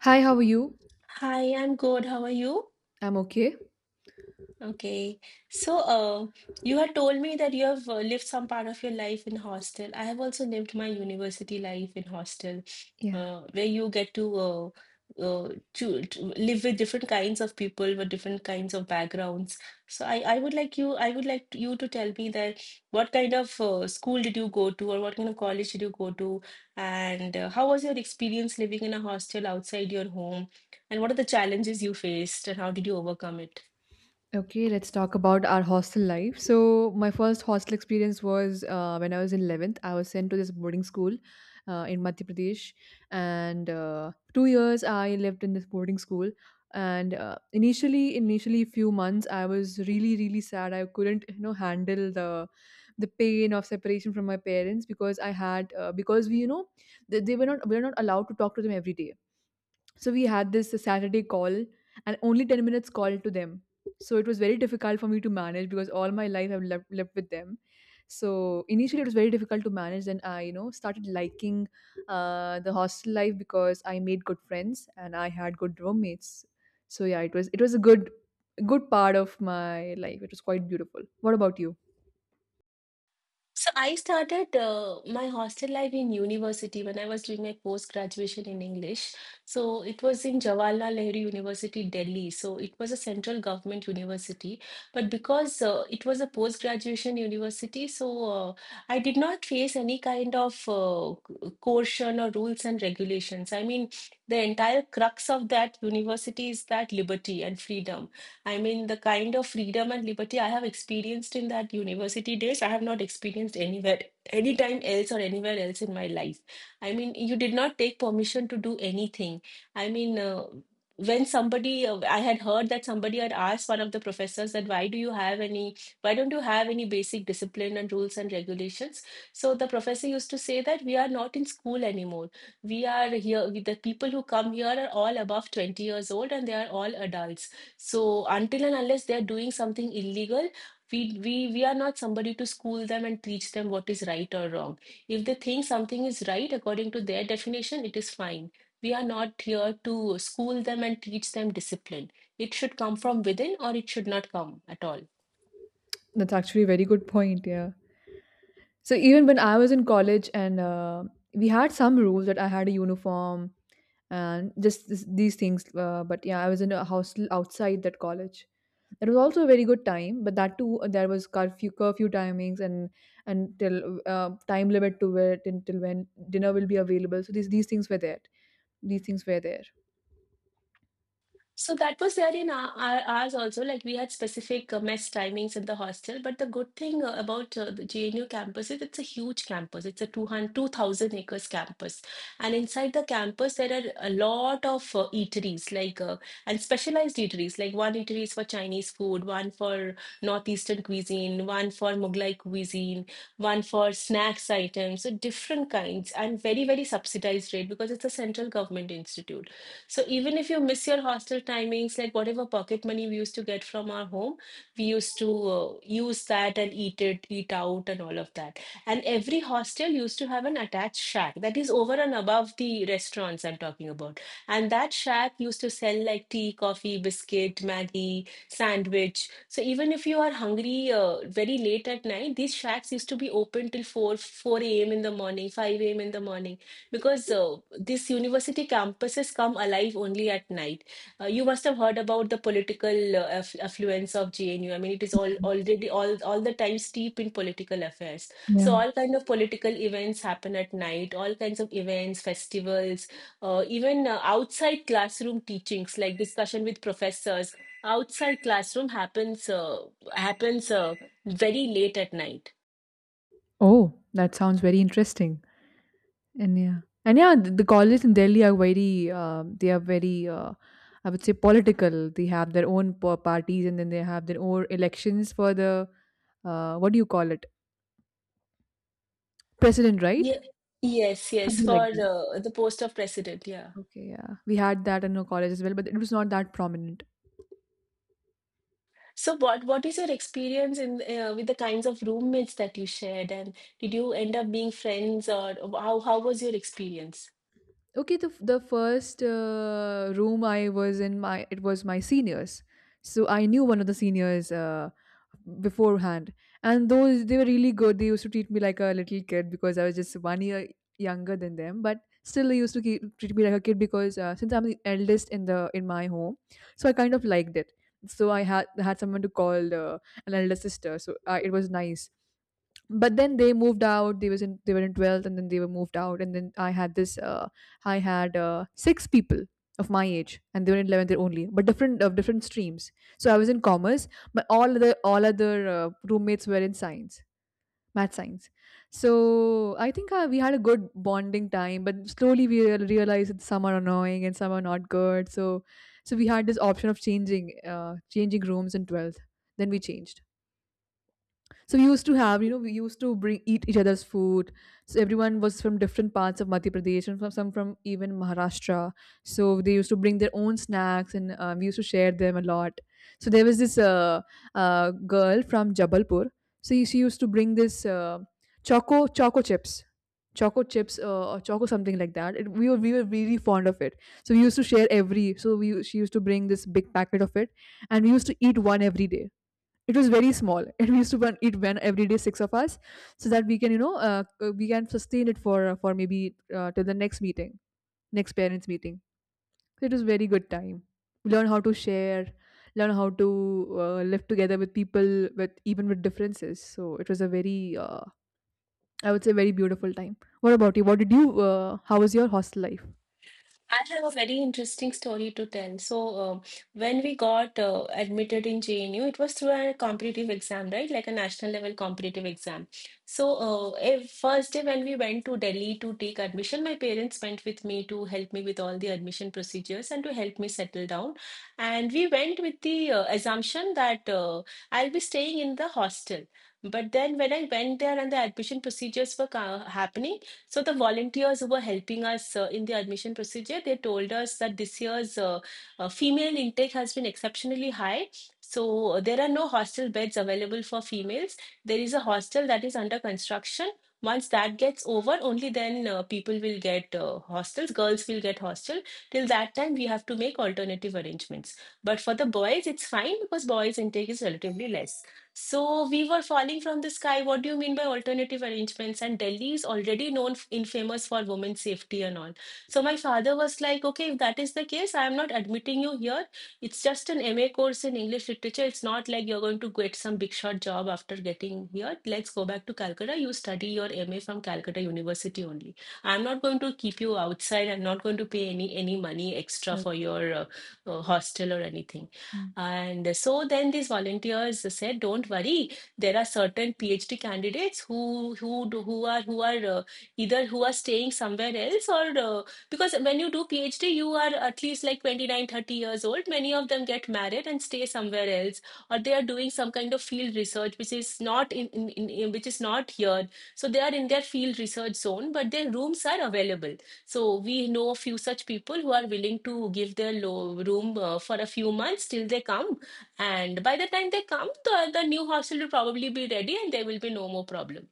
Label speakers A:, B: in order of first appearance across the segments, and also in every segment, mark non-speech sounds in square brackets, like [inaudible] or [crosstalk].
A: Hi, how are you?
B: Hi, I'm good. How are you?
A: I'm okay.
B: Okay. So, uh, you had told me that you have lived some part of your life in hostel. I have also lived my university life in hostel, where you get uh, to live with different kinds of people with different kinds of backgrounds. So, I would like you to tell me that what kind of school did you go to, or what kind of college did you go to, and how was your experience living in a hostel outside your home, and what are the challenges you faced, and how did you overcome it?
A: Okay, let's talk about our hostel life. So, my first hostel experience was when I was in 11th. I was sent to this boarding school in Madhya Pradesh, and 2 years I lived in this boarding school. And initially, few months, I was really, really sad. I couldn't, handle the pain of separation from my parents, because I had because we, you know, they were not we were not allowed to talk to them every day. So we had this Saturday call, and only 10 minutes call to them. So it was very difficult for me to manage, because all my life I've lived with them. So initially it was very difficult to manage. Then I, started liking the hostel life, because I made good friends and I had good roommates. So yeah, it was a good part of my life. It was quite beautiful. What about you?
B: So I started my hostel life in university when I was doing my post graduation in English. So it was in Jawaharlal Nehru University, Delhi. So it was a central government university, but because it was a post graduation university, I did not face any kind of coercion or rules and regulations. I mean, the entire crux of that university is that liberty and freedom. I mean, the kind of freedom and liberty I have experienced in that university days, I have not experienced anywhere, anytime else or anywhere else in my life. I mean, you did not take permission to do anything. I mean, uh, I had heard that somebody had asked one of the professors that why don't you have any basic discipline and rules and regulations? So the professor used to say that we are not in school anymore. We are here, we- The people who come here are all above 20 years old and they are all adults. So until and unless they are doing something illegal, we are not somebody to school them and teach them what is right or wrong. If they think something is right according to their definition, it is fine. We are not here to school them and teach them discipline. It should come from within or it should not come at all.
A: That's actually a very good point. Yeah. So even when I was in college, and we had some rules that I had a uniform and just these things. But yeah, I was in a hostel outside that college. It was also a very good time, but that too, there was curfew timings, and till, time limit to it, until when dinner will be available. So these things were there. These things were there.
B: So that was there in ours also. Like we had specific mess timings in the hostel. But the good thing about the JNU campus is it's a huge campus. It's a 200 2,000 acres campus. And inside the campus, there are a lot of eateries, and specialized eateries. Like one eatery is for Chinese food, one for Northeastern cuisine, one for Mughlai cuisine, one for snacks items. So different kinds and very, very subsidized rate because it's a central government institute. So even if you miss your hostel timings, like whatever pocket money we used to get from our home, we used to use that and eat out, and all of that. And every hostel used to have an attached shack that is over and above the restaurants I'm talking about. And that shack used to sell like tea, coffee, biscuit, Maggie, sandwich. So even if you are hungry very late at night, these shacks used to be open till 4 a.m. in the morning, 5 a.m. in the morning because this university campuses come alive only at night. You must have heard about the political affluence of JNU. I mean, it is all already all the time steep in political affairs. So
A: Yeah.
B: all kind of political events happen at night. All kinds of events, festivals, even outside classroom teachings like discussion with professors outside classroom happens very late at night.
A: Oh, that sounds very interesting. And yeah, the colleges in Delhi are very, I would say, political. They have their own parties, and then they have their own elections for the, what do you call it, president, right?
B: Yeah. Yes, yes,
A: Something like
B: for
A: that.
B: the post of president. Yeah.
A: Okay, yeah, we had that in our college as well, but it was not that prominent.
B: So what is your experience in with the kinds of roommates that you shared, and did you end up being friends, or how was your experience?
A: Okay, the first room I was in, my it was my seniors, so I knew one of the seniors beforehand, and those they were really good. They used to treat me like a little kid because I was just one year younger than them, but still they used to treat me like a kid, because, since I'm the eldest in my home, so I kind of liked it. So I had someone to call an elder sister, so, it was nice. But then they moved out. They were in 12th, and then they were moved out. And then I had six people of my age, and they were in 11th year only, but different of different streams. So I was in commerce, but all other roommates were in science. Math, science. So I think, we had a good bonding time, but slowly we realized that some are annoying and some are not good. So so we had this option of changing rooms in 12th. Then we changed. So we used to have, you know, we used to bring eat each other's food. So everyone was from different parts of Madhya Pradesh, and from even Maharashtra. So they used to bring their own snacks, and we used to share them a lot. So there was this, girl from Jabalpur. So she used to bring this, choco chips. Choco chips, or choco, something like that. We were really fond of it. So we used to share every. So we she used to bring this big packet of it, and we used to eat one every day. It was very small. [laughs] And we used to eat one every day, six of us, so that we can, sustain it for, for maybe, till the next meeting, next parents meeting. So it was very good time. Learn how to share. Learn how to live together with people, with even with differences. So it was a very, I would say, very beautiful time. What about you? What did you, how was your hostel life?
B: I have a very interesting story to tell. So, when we got admitted in JNU, it was through a competitive exam, right? Like a national level competitive exam. So, first day when we went to Delhi to take admission, my parents went with me to help me with all the admission procedures and to help me settle down. And we went with the assumption that I'll be staying in the hostel. But then when I went there and the admission procedures were happening, so the volunteers who were helping us in the admission procedure, they told us that this year's female intake has been exceptionally high. So there are no hostel beds available for females. There is a hostel that is under construction. Once that gets over, only then people will get hostels. Girls will get hostel. Till that time, we have to make alternative arrangements. But for the boys, it's fine because boys' intake is relatively less. So we were falling from the sky. What do you mean by alternative arrangements? And Delhi is already known infamous for women's safety and all. So my father was like, okay, if that is the case, I am not admitting you here. It's just an MA course in English literature. It's not like you're going to get some big shot job after getting here. Let's go back to Calcutta. You study your MA from Calcutta University only. I'm not going to keep you outside. I'm not going to pay any money extra for
A: Okay.
B: your hostel or anything.
A: Mm.
B: And so then these volunteers said, "Don't worry, there are certain PhD candidates who do- who are either who are staying somewhere else or because when you do PhD, you are at least like 29, 30 years old. Many of them get married and stay somewhere else, or they are doing some kind of field research which is not which is not here. So they are in their field research zone, but their rooms are available." So we know a few such people who are willing to give their low room for a few months till they come. And by the time they come, the new hostel will probably be ready and there will be no more problem.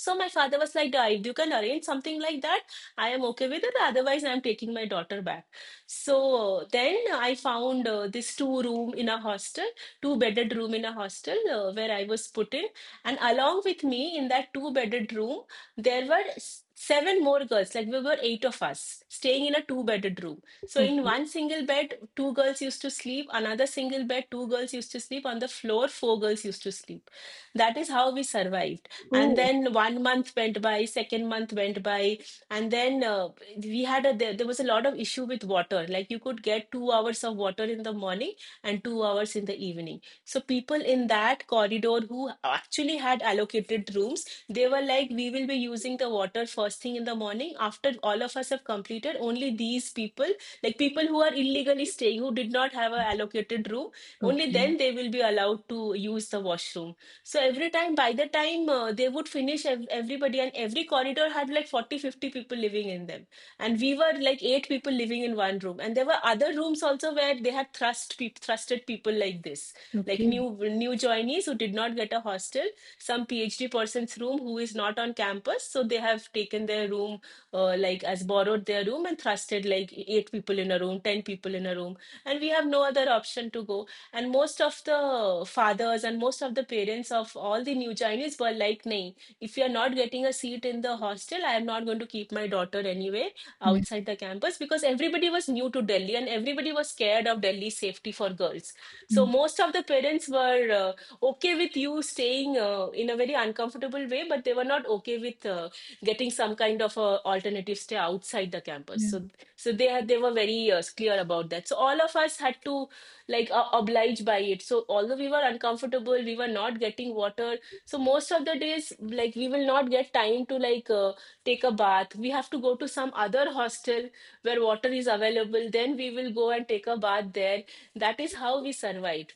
B: So my father was like, "Da, if you can arrange something like that, I am okay with it. Otherwise, I am taking my daughter back. So then I found this two room in a hostel, two bedded room in a hostel where I was put in. And along with me in that two bedded room, there were seven more girls. Like we were eight of us staying in a two bedded room. So in
A: Okay.
B: one single bed, two girls used to sleep. Another single bed, two girls used to sleep. On the floor, four girls used to sleep. That is how we survived, and
A: Oh,
B: then one month went by, second month went by, and then we had there was a lot of issue with water. Like you could get 2 hours of water in the morning and 2 hours in the evening. So people in that corridor who actually had allocated rooms, they were like, we will be using the water first thing in the morning. After all of us have completed, only these people, like people who are illegally staying, who did not have a allocated room, only
A: okay.
B: then they will be allowed to use the washroom. So every time, by the time they would finish everybody, and every corridor had like 40, 50 people living in them. And we were like eight people living in one room. And there were other rooms also where they had thrusted people like this, like
A: Okay.
B: new joinees who did not get a hostel, some PhD person's room who is not on campus. So they have taken their room, like as borrowed their room, and thrusted like eight people in a room, 10 people in a room. And we have no other option to go. And most of the fathers and most of the parents of all the new Chinese were like, "Nahin, if you are not getting a seat in the hostel, I am not going to keep my daughter anyway
A: Yeah.
B: outside the campus, because everybody was new to Delhi and everybody was scared of Delhi's safety for girls. So
A: Mm.
B: most of the parents were okay with you staying in a very uncomfortable way, but they were not okay with getting some kind of a alternative stay outside the campus.
A: Yeah.
B: So they were very clear about that. So all of us had to obliged by it, so although we were uncomfortable, we were not getting water. So most of the days, like, we will not get time to take a bath. We have to go to some other hostel where water is available, then we will go and take a bath there. That is how we survived.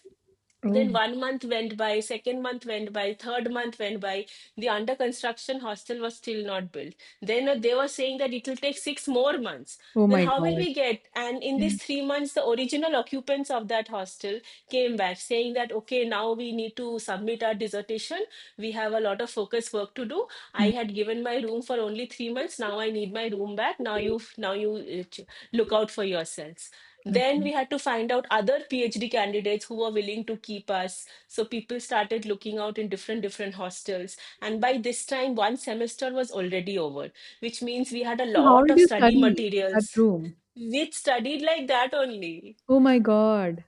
B: Then
A: Oh.
B: 1 month went by, second month went by, third month went by. The under construction hostel was still not built. Then they were saying that it will take 6 more months.
A: Oh
B: Then
A: my
B: how will
A: God.
B: we get? And in these
A: Yeah.
B: 3 months, the original occupants of that hostel came back saying that, okay, now we need to submit our dissertation. We have a lot of focus work to do. I
A: Mm.
B: had given my room for only 3 months. Now I need my room back. Now you look out for yourselves. Then
A: Okay.
B: we had to find out other phd candidates who were willing to keep us, so people started looking out in different different hostels. And by this time 1 semester was already over, which means we had a
A: So how
B: lot
A: did
B: of
A: you
B: study
A: study in
B: materials.
A: that room?
B: We studied like that only.
A: Oh my God.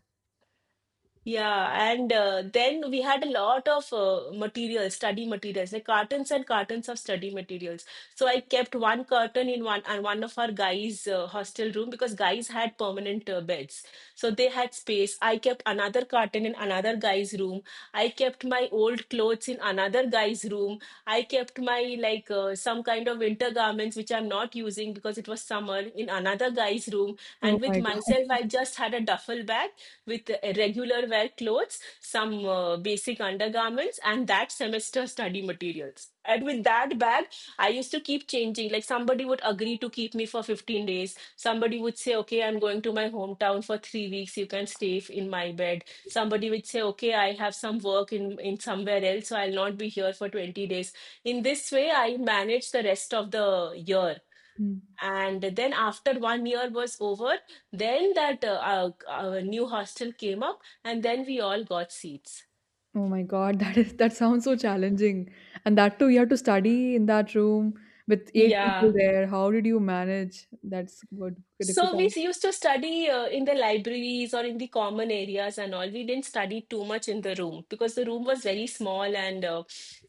B: Yeah, and then we had a lot of materials, study materials, like cartons and cartons of study materials. So I kept one curtain in one and one of our guys' hostel room, because guys had permanent beds, so they had space. I kept another curtain in another guy's room. I kept my old clothes in another guy's room. I kept my some kind of winter garments which I'm not using because it was summer in another guy's room. And
A: Oh
B: with
A: my God.
B: myself, I just had a duffel bag with regular wear clothes, some basic undergarments, and that semester study materials. And with that bag, I used to keep changing. Like somebody would agree to keep me for 15 days. Somebody would say, okay, I'm going to my hometown for 3 weeks. You can stay in my bed. Somebody would say, okay, I have some work in somewhere else, so I'll not be here for 20 days. In this way, I managed the rest of the year.
A: Mm.
B: And then after 1 year was over, then that new hostel came up, and then we all got seats.
A: Oh my God. [laughs] That sounds so challenging. And that too, you have to study in that room with eight people
B: Yeah.
A: there. How did you manage? That's good,
B: So we
A: difficult.
B: used to study in the libraries or in the common areas and all. We didn't study too much in the room because the room was very small and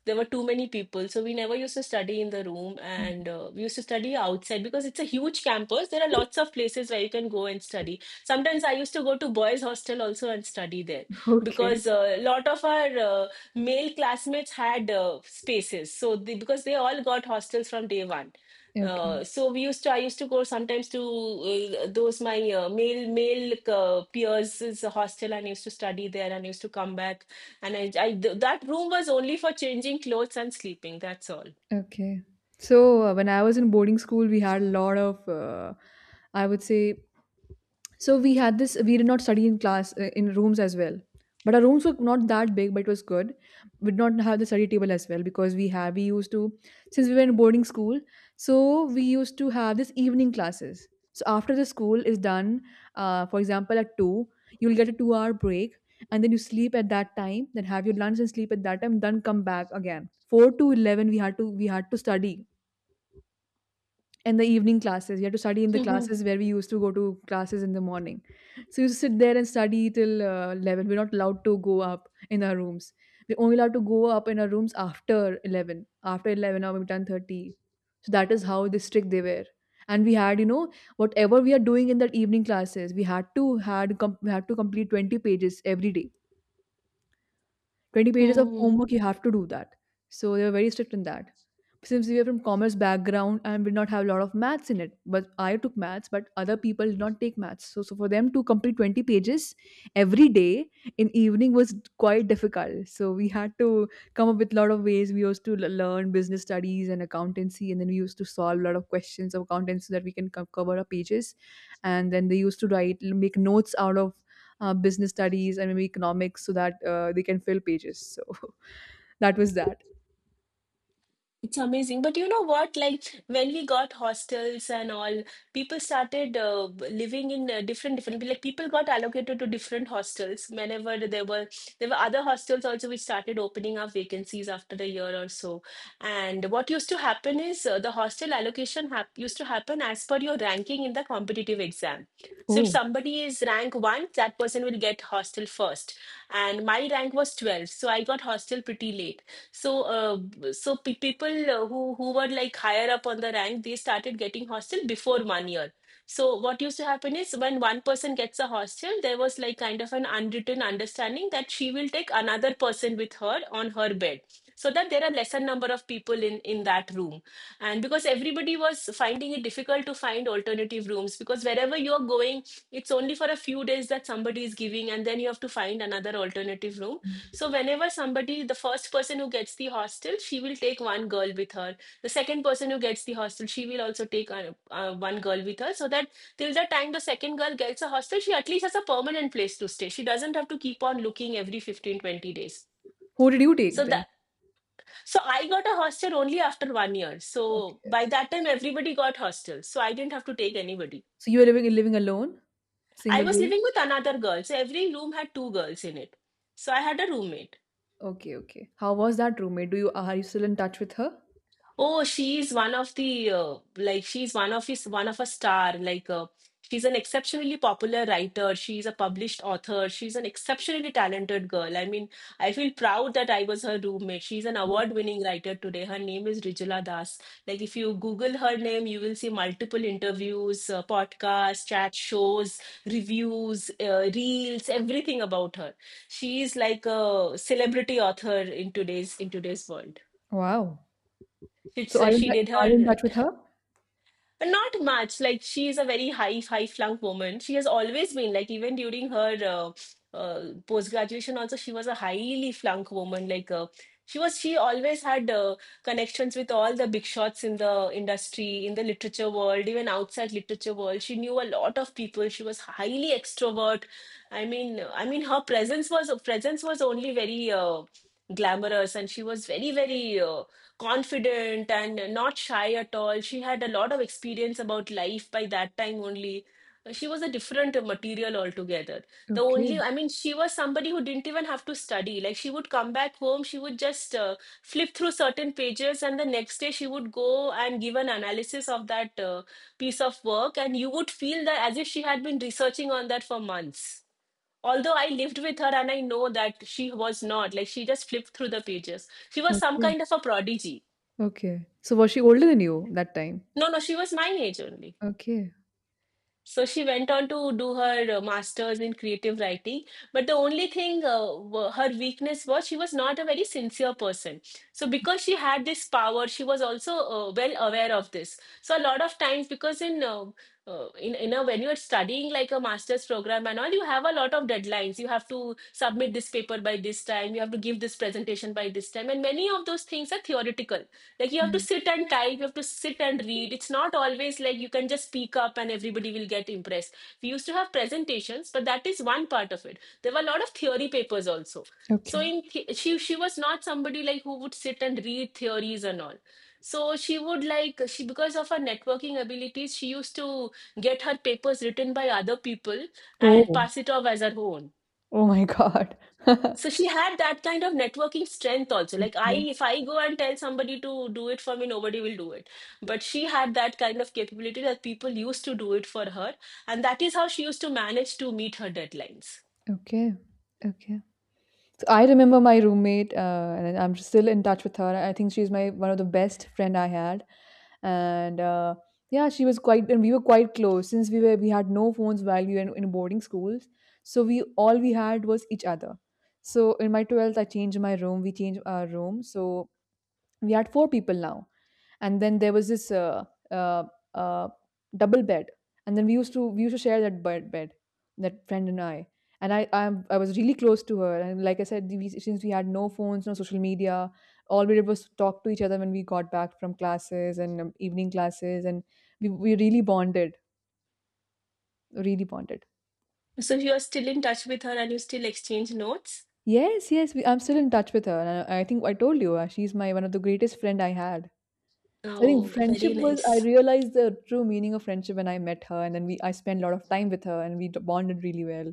B: there were too many people. So we never used to study in the room, and we used to study outside because it's a huge campus. There are lots of places where you can go and study. Sometimes I used to go to boys' hostel also and study there
A: Okay.
B: because a lot of our male classmates had spaces. So they, because they all got hostels from day one.
A: Okay.
B: So I used to go sometimes to those my male peers' hostel and used to study there and used to come back. And that room was only for changing clothes and sleeping. That's all.
A: Okay. So, when I was in boarding school, we had a lot of, I would say, so we had this we did not study in class, in rooms as well. But our rooms were not that big, but it was good. We did not have the study table as well, because we used to, since we were in boarding school, so we used to have this evening classes. So after the school is done, for example, at 2, you'll get a 2-hour break. And then you sleep at that time, then have your lunch and sleep at that time, then come back again. 4 to 11 we had to study, and the evening classes. You had to study in the classes where we used to go to classes in the morning. So you used to sit there and study till, 11. We're not allowed to go up in our rooms. We're only allowed to go up in our rooms after 11, or maybe 10:30. So that is how the strict they were. And we had, whatever we are doing in that evening classes, we had to complete 20 pages every day. 20 pages of
B: Mm-hmm.
A: homework, you have to do that. So they were very strict in that, since we were from commerce background, and did not have a lot of maths in it. But I took maths, but other people did not take maths. So, for them to complete 20 pages every day in evening was quite difficult. So we had to come up with a lot of ways. We used to learn business studies and accountancy, and then we used to solve a lot of questions of accountancy, so that we can cover our pages. And then they used to write make notes out of, business studies and maybe economics, so that, they can fill pages. So [laughs] that was that.
B: It's amazing. But you know what? Like when we got hostels and all, people started living in different different, like people got allocated to different hostels whenever there were other hostels also which started opening up vacancies after a year or so. And what used to happen is the hostel allocation hap used to happen as per your ranking in the competitive exam. So if
A: Oh.
B: somebody is rank one, that person will get hostel first. And my rank was 12, so I got hostel pretty late. So, so pe people who were like higher up on the rank, they started getting hostel before 1 year. So, what used to happen is when one person gets a hostel, there was like kind of an unwritten understanding that she will take another person with her on her bed, so that there are lesser number of people in that room. And because everybody was finding it difficult to find alternative rooms, because wherever you're going, it's only for a few days that somebody is giving, and then you have to find another alternative room. So whenever somebody, the first person who gets the hostel, she will take one girl with her. The second person who gets the hostel, she will also take one girl with her, so that till the time the second girl gets a hostel, she at least has a permanent place to stay. She doesn't have to keep on looking every 15-20 days.
A: Who did you take
B: So that
A: then?
B: so I got a hostel only after 1 year. So
A: Okay.
B: by that time everybody got hostels. So I didn't have to take anybody.
A: So you were living alone?
B: I
A: Single
B: was
A: room?
B: living with another girl. So every room had two girls in it. So I had a roommate.
A: Okay, okay. How was that roommate? Do you Are you still in touch with her?
B: Oh, she is one of the like she's one of a star. She's an exceptionally popular writer. She's a published author. She's an exceptionally talented girl. I mean, I feel proud that I was her roommate. She's an
A: Mhm.
B: award-winning writer today. Her name is Rijula Das. Like if you Google her name, you will see multiple interviews, podcasts, chat shows, reviews, reels, everything about her. She is like a celebrity author in today's world.
A: Wow.
B: It's,
A: So are you
B: she did
A: are you in
B: her
A: touch with her?
B: but not much. Like she is a very high flunk woman. She has always been, like, even during her post graduation also she was a highly flunk woman. She always had connections with all the big shots in the industry, in the literature world, even outside literature world. She knew a lot of people. She was highly extrovert. I mean, her presence was only very glamorous, and she was very, very, confident and not shy at all. She had a lot of experience about life by that time only. She was a different material altogether. The only,
A: Okay,
B: I mean, she was somebody who didn't even have to study. Like, she would come back home, she would just flip through certain pages, and the next day she would go and give an analysis of that piece of work. And you would feel that as if she had been researching on that for months. Although I lived with her and I know that she was not, like, she just flipped through the pages. She was some
A: okay,
B: kind of a prodigy.
A: okay. So was she older than you that time?
B: No, no, she was my age only.
A: Okay.
B: So she went on to do her master's in creative writing. But the only thing, her weakness was she was not a very sincere person. So because she had this power, she was also well aware of this. So a lot of times, because in in, you know, when you're studying like a master's program and all, you have a lot of deadlines. You have to submit this paper by this time, you have to give this presentation by this time, and many of those things are theoretical. Like, you have
A: Yeah.
B: to sit and type, you have to sit and read. It's not always like you can just speak up and everybody will get impressed. We used to have presentations, but that is one part of it. There were a lot of theory papers also. So
A: Okay.
B: she was not somebody like who would sit and read theories and all. So she would like, she, because of her networking abilities, she used to get her papers written by other people and
A: Oh.
B: pass it off as her own.
A: Oh my God. [laughs]
B: So she had that kind of networking strength also. Like I,
A: Okay.
B: if I go and tell somebody to do it for me, nobody will do it. But she had that kind of capability that people used to do it for her, and that is how she used to manage to meet her deadlines.
A: Okay. Okay. So I remember my roommate, and I'm still in touch with her. I think she's my one of the best friend I had, and, yeah, she was quite, and we were quite close, since we had no phones while we were in boarding schools. So we all we had was each other. So in my 12th, I changed my room. We changed our room. So we had four people now, and then there was this, uh, uh, double bed. And then we used to share that bed, that friend and I. And I was really close to her. And like I said, since we had no phones, no social media, all we did was talk to each other when we got back from classes, and, evening classes. And we really bonded. Really bonded.
B: So you are still in touch with her and you still exchange notes?
A: Yes, yes, I'm still in touch with her, and, I think I told you, she's my one of the greatest friend I had. I think
B: Oh, very
A: friendship was I
B: nice.
A: realized the true meaning of friendship when I met her, and then we I spent a lot of time with her, and we bonded really well.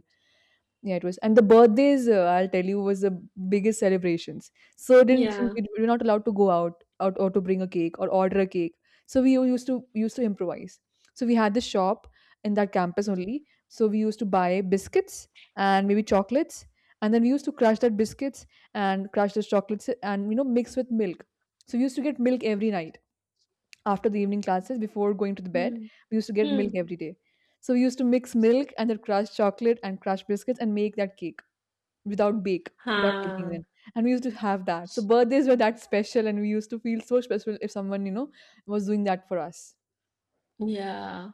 A: Yeah, it was. And the birthdays, I'll tell you, was the biggest celebrations. So, didn't
B: Yeah.
A: we were not allowed to go out, or to bring a cake or order a cake. So we used to improvise. So we had this shop in that campus only. So we used to buy biscuits and maybe chocolates. And then we used to crush that biscuits and crush those chocolates, and mix with milk. So we used to get milk every night after the evening classes, before going to the bed.
B: Hmm.
A: We used to get milk
B: Hmm.
A: every day. So we used to mix milk, and then crush chocolate and crush biscuits, and make that cake without bake, without baking
B: Huh.
A: them. And we used to have that, so birthdays were that special, and we used to feel so special if someone, was doing that for us.
B: Yeah,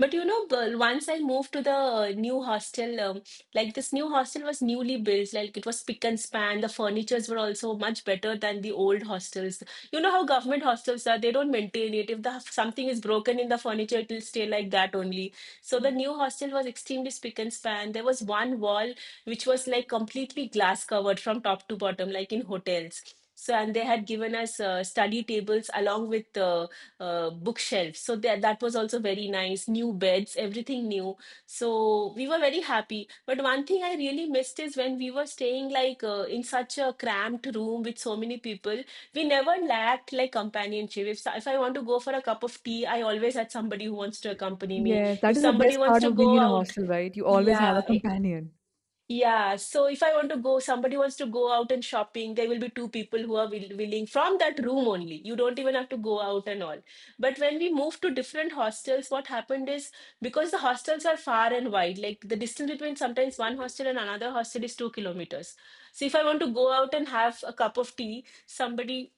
B: but you know, once I moved to the new hostel, like this new hostel was newly built, like it was spick and span. The furnitures were also much better than the old hostels. You know how government hostels are, they don't maintain it. If the something is broken in the furniture, it will stay like that only. So the
A: Mm.
B: new hostel was extremely spick and span. There was one wall which was like completely glass covered from top to bottom, like in hotels. So, and they had given us study tables along with bookshelf. So that that was also very nice. New beds, everything new. So we were very happy. But one thing I really missed is when we were staying in such a cramped room with so many people, we never lacked like companionship. If so, if I want to go for a cup of tea, I always had somebody who wants to accompany me.
A: Yes, that
B: If
A: is the
B: somebody
A: best
B: wants
A: part
B: to
A: of being
B: go
A: in a
B: out,
A: hostel, right? You always have a
B: yeah.
A: companion.
B: Yeah, so if I want to go, somebody wants to go out and shopping, there will be two people who are willing from that room only. You don't even have to go out and all. But when we moved to different hostels, what happened is because the hostels are far and wide, like the distance between sometimes one hostel and another hostel is 2 kilometers. So if I want to go out and have a cup of tea, somebody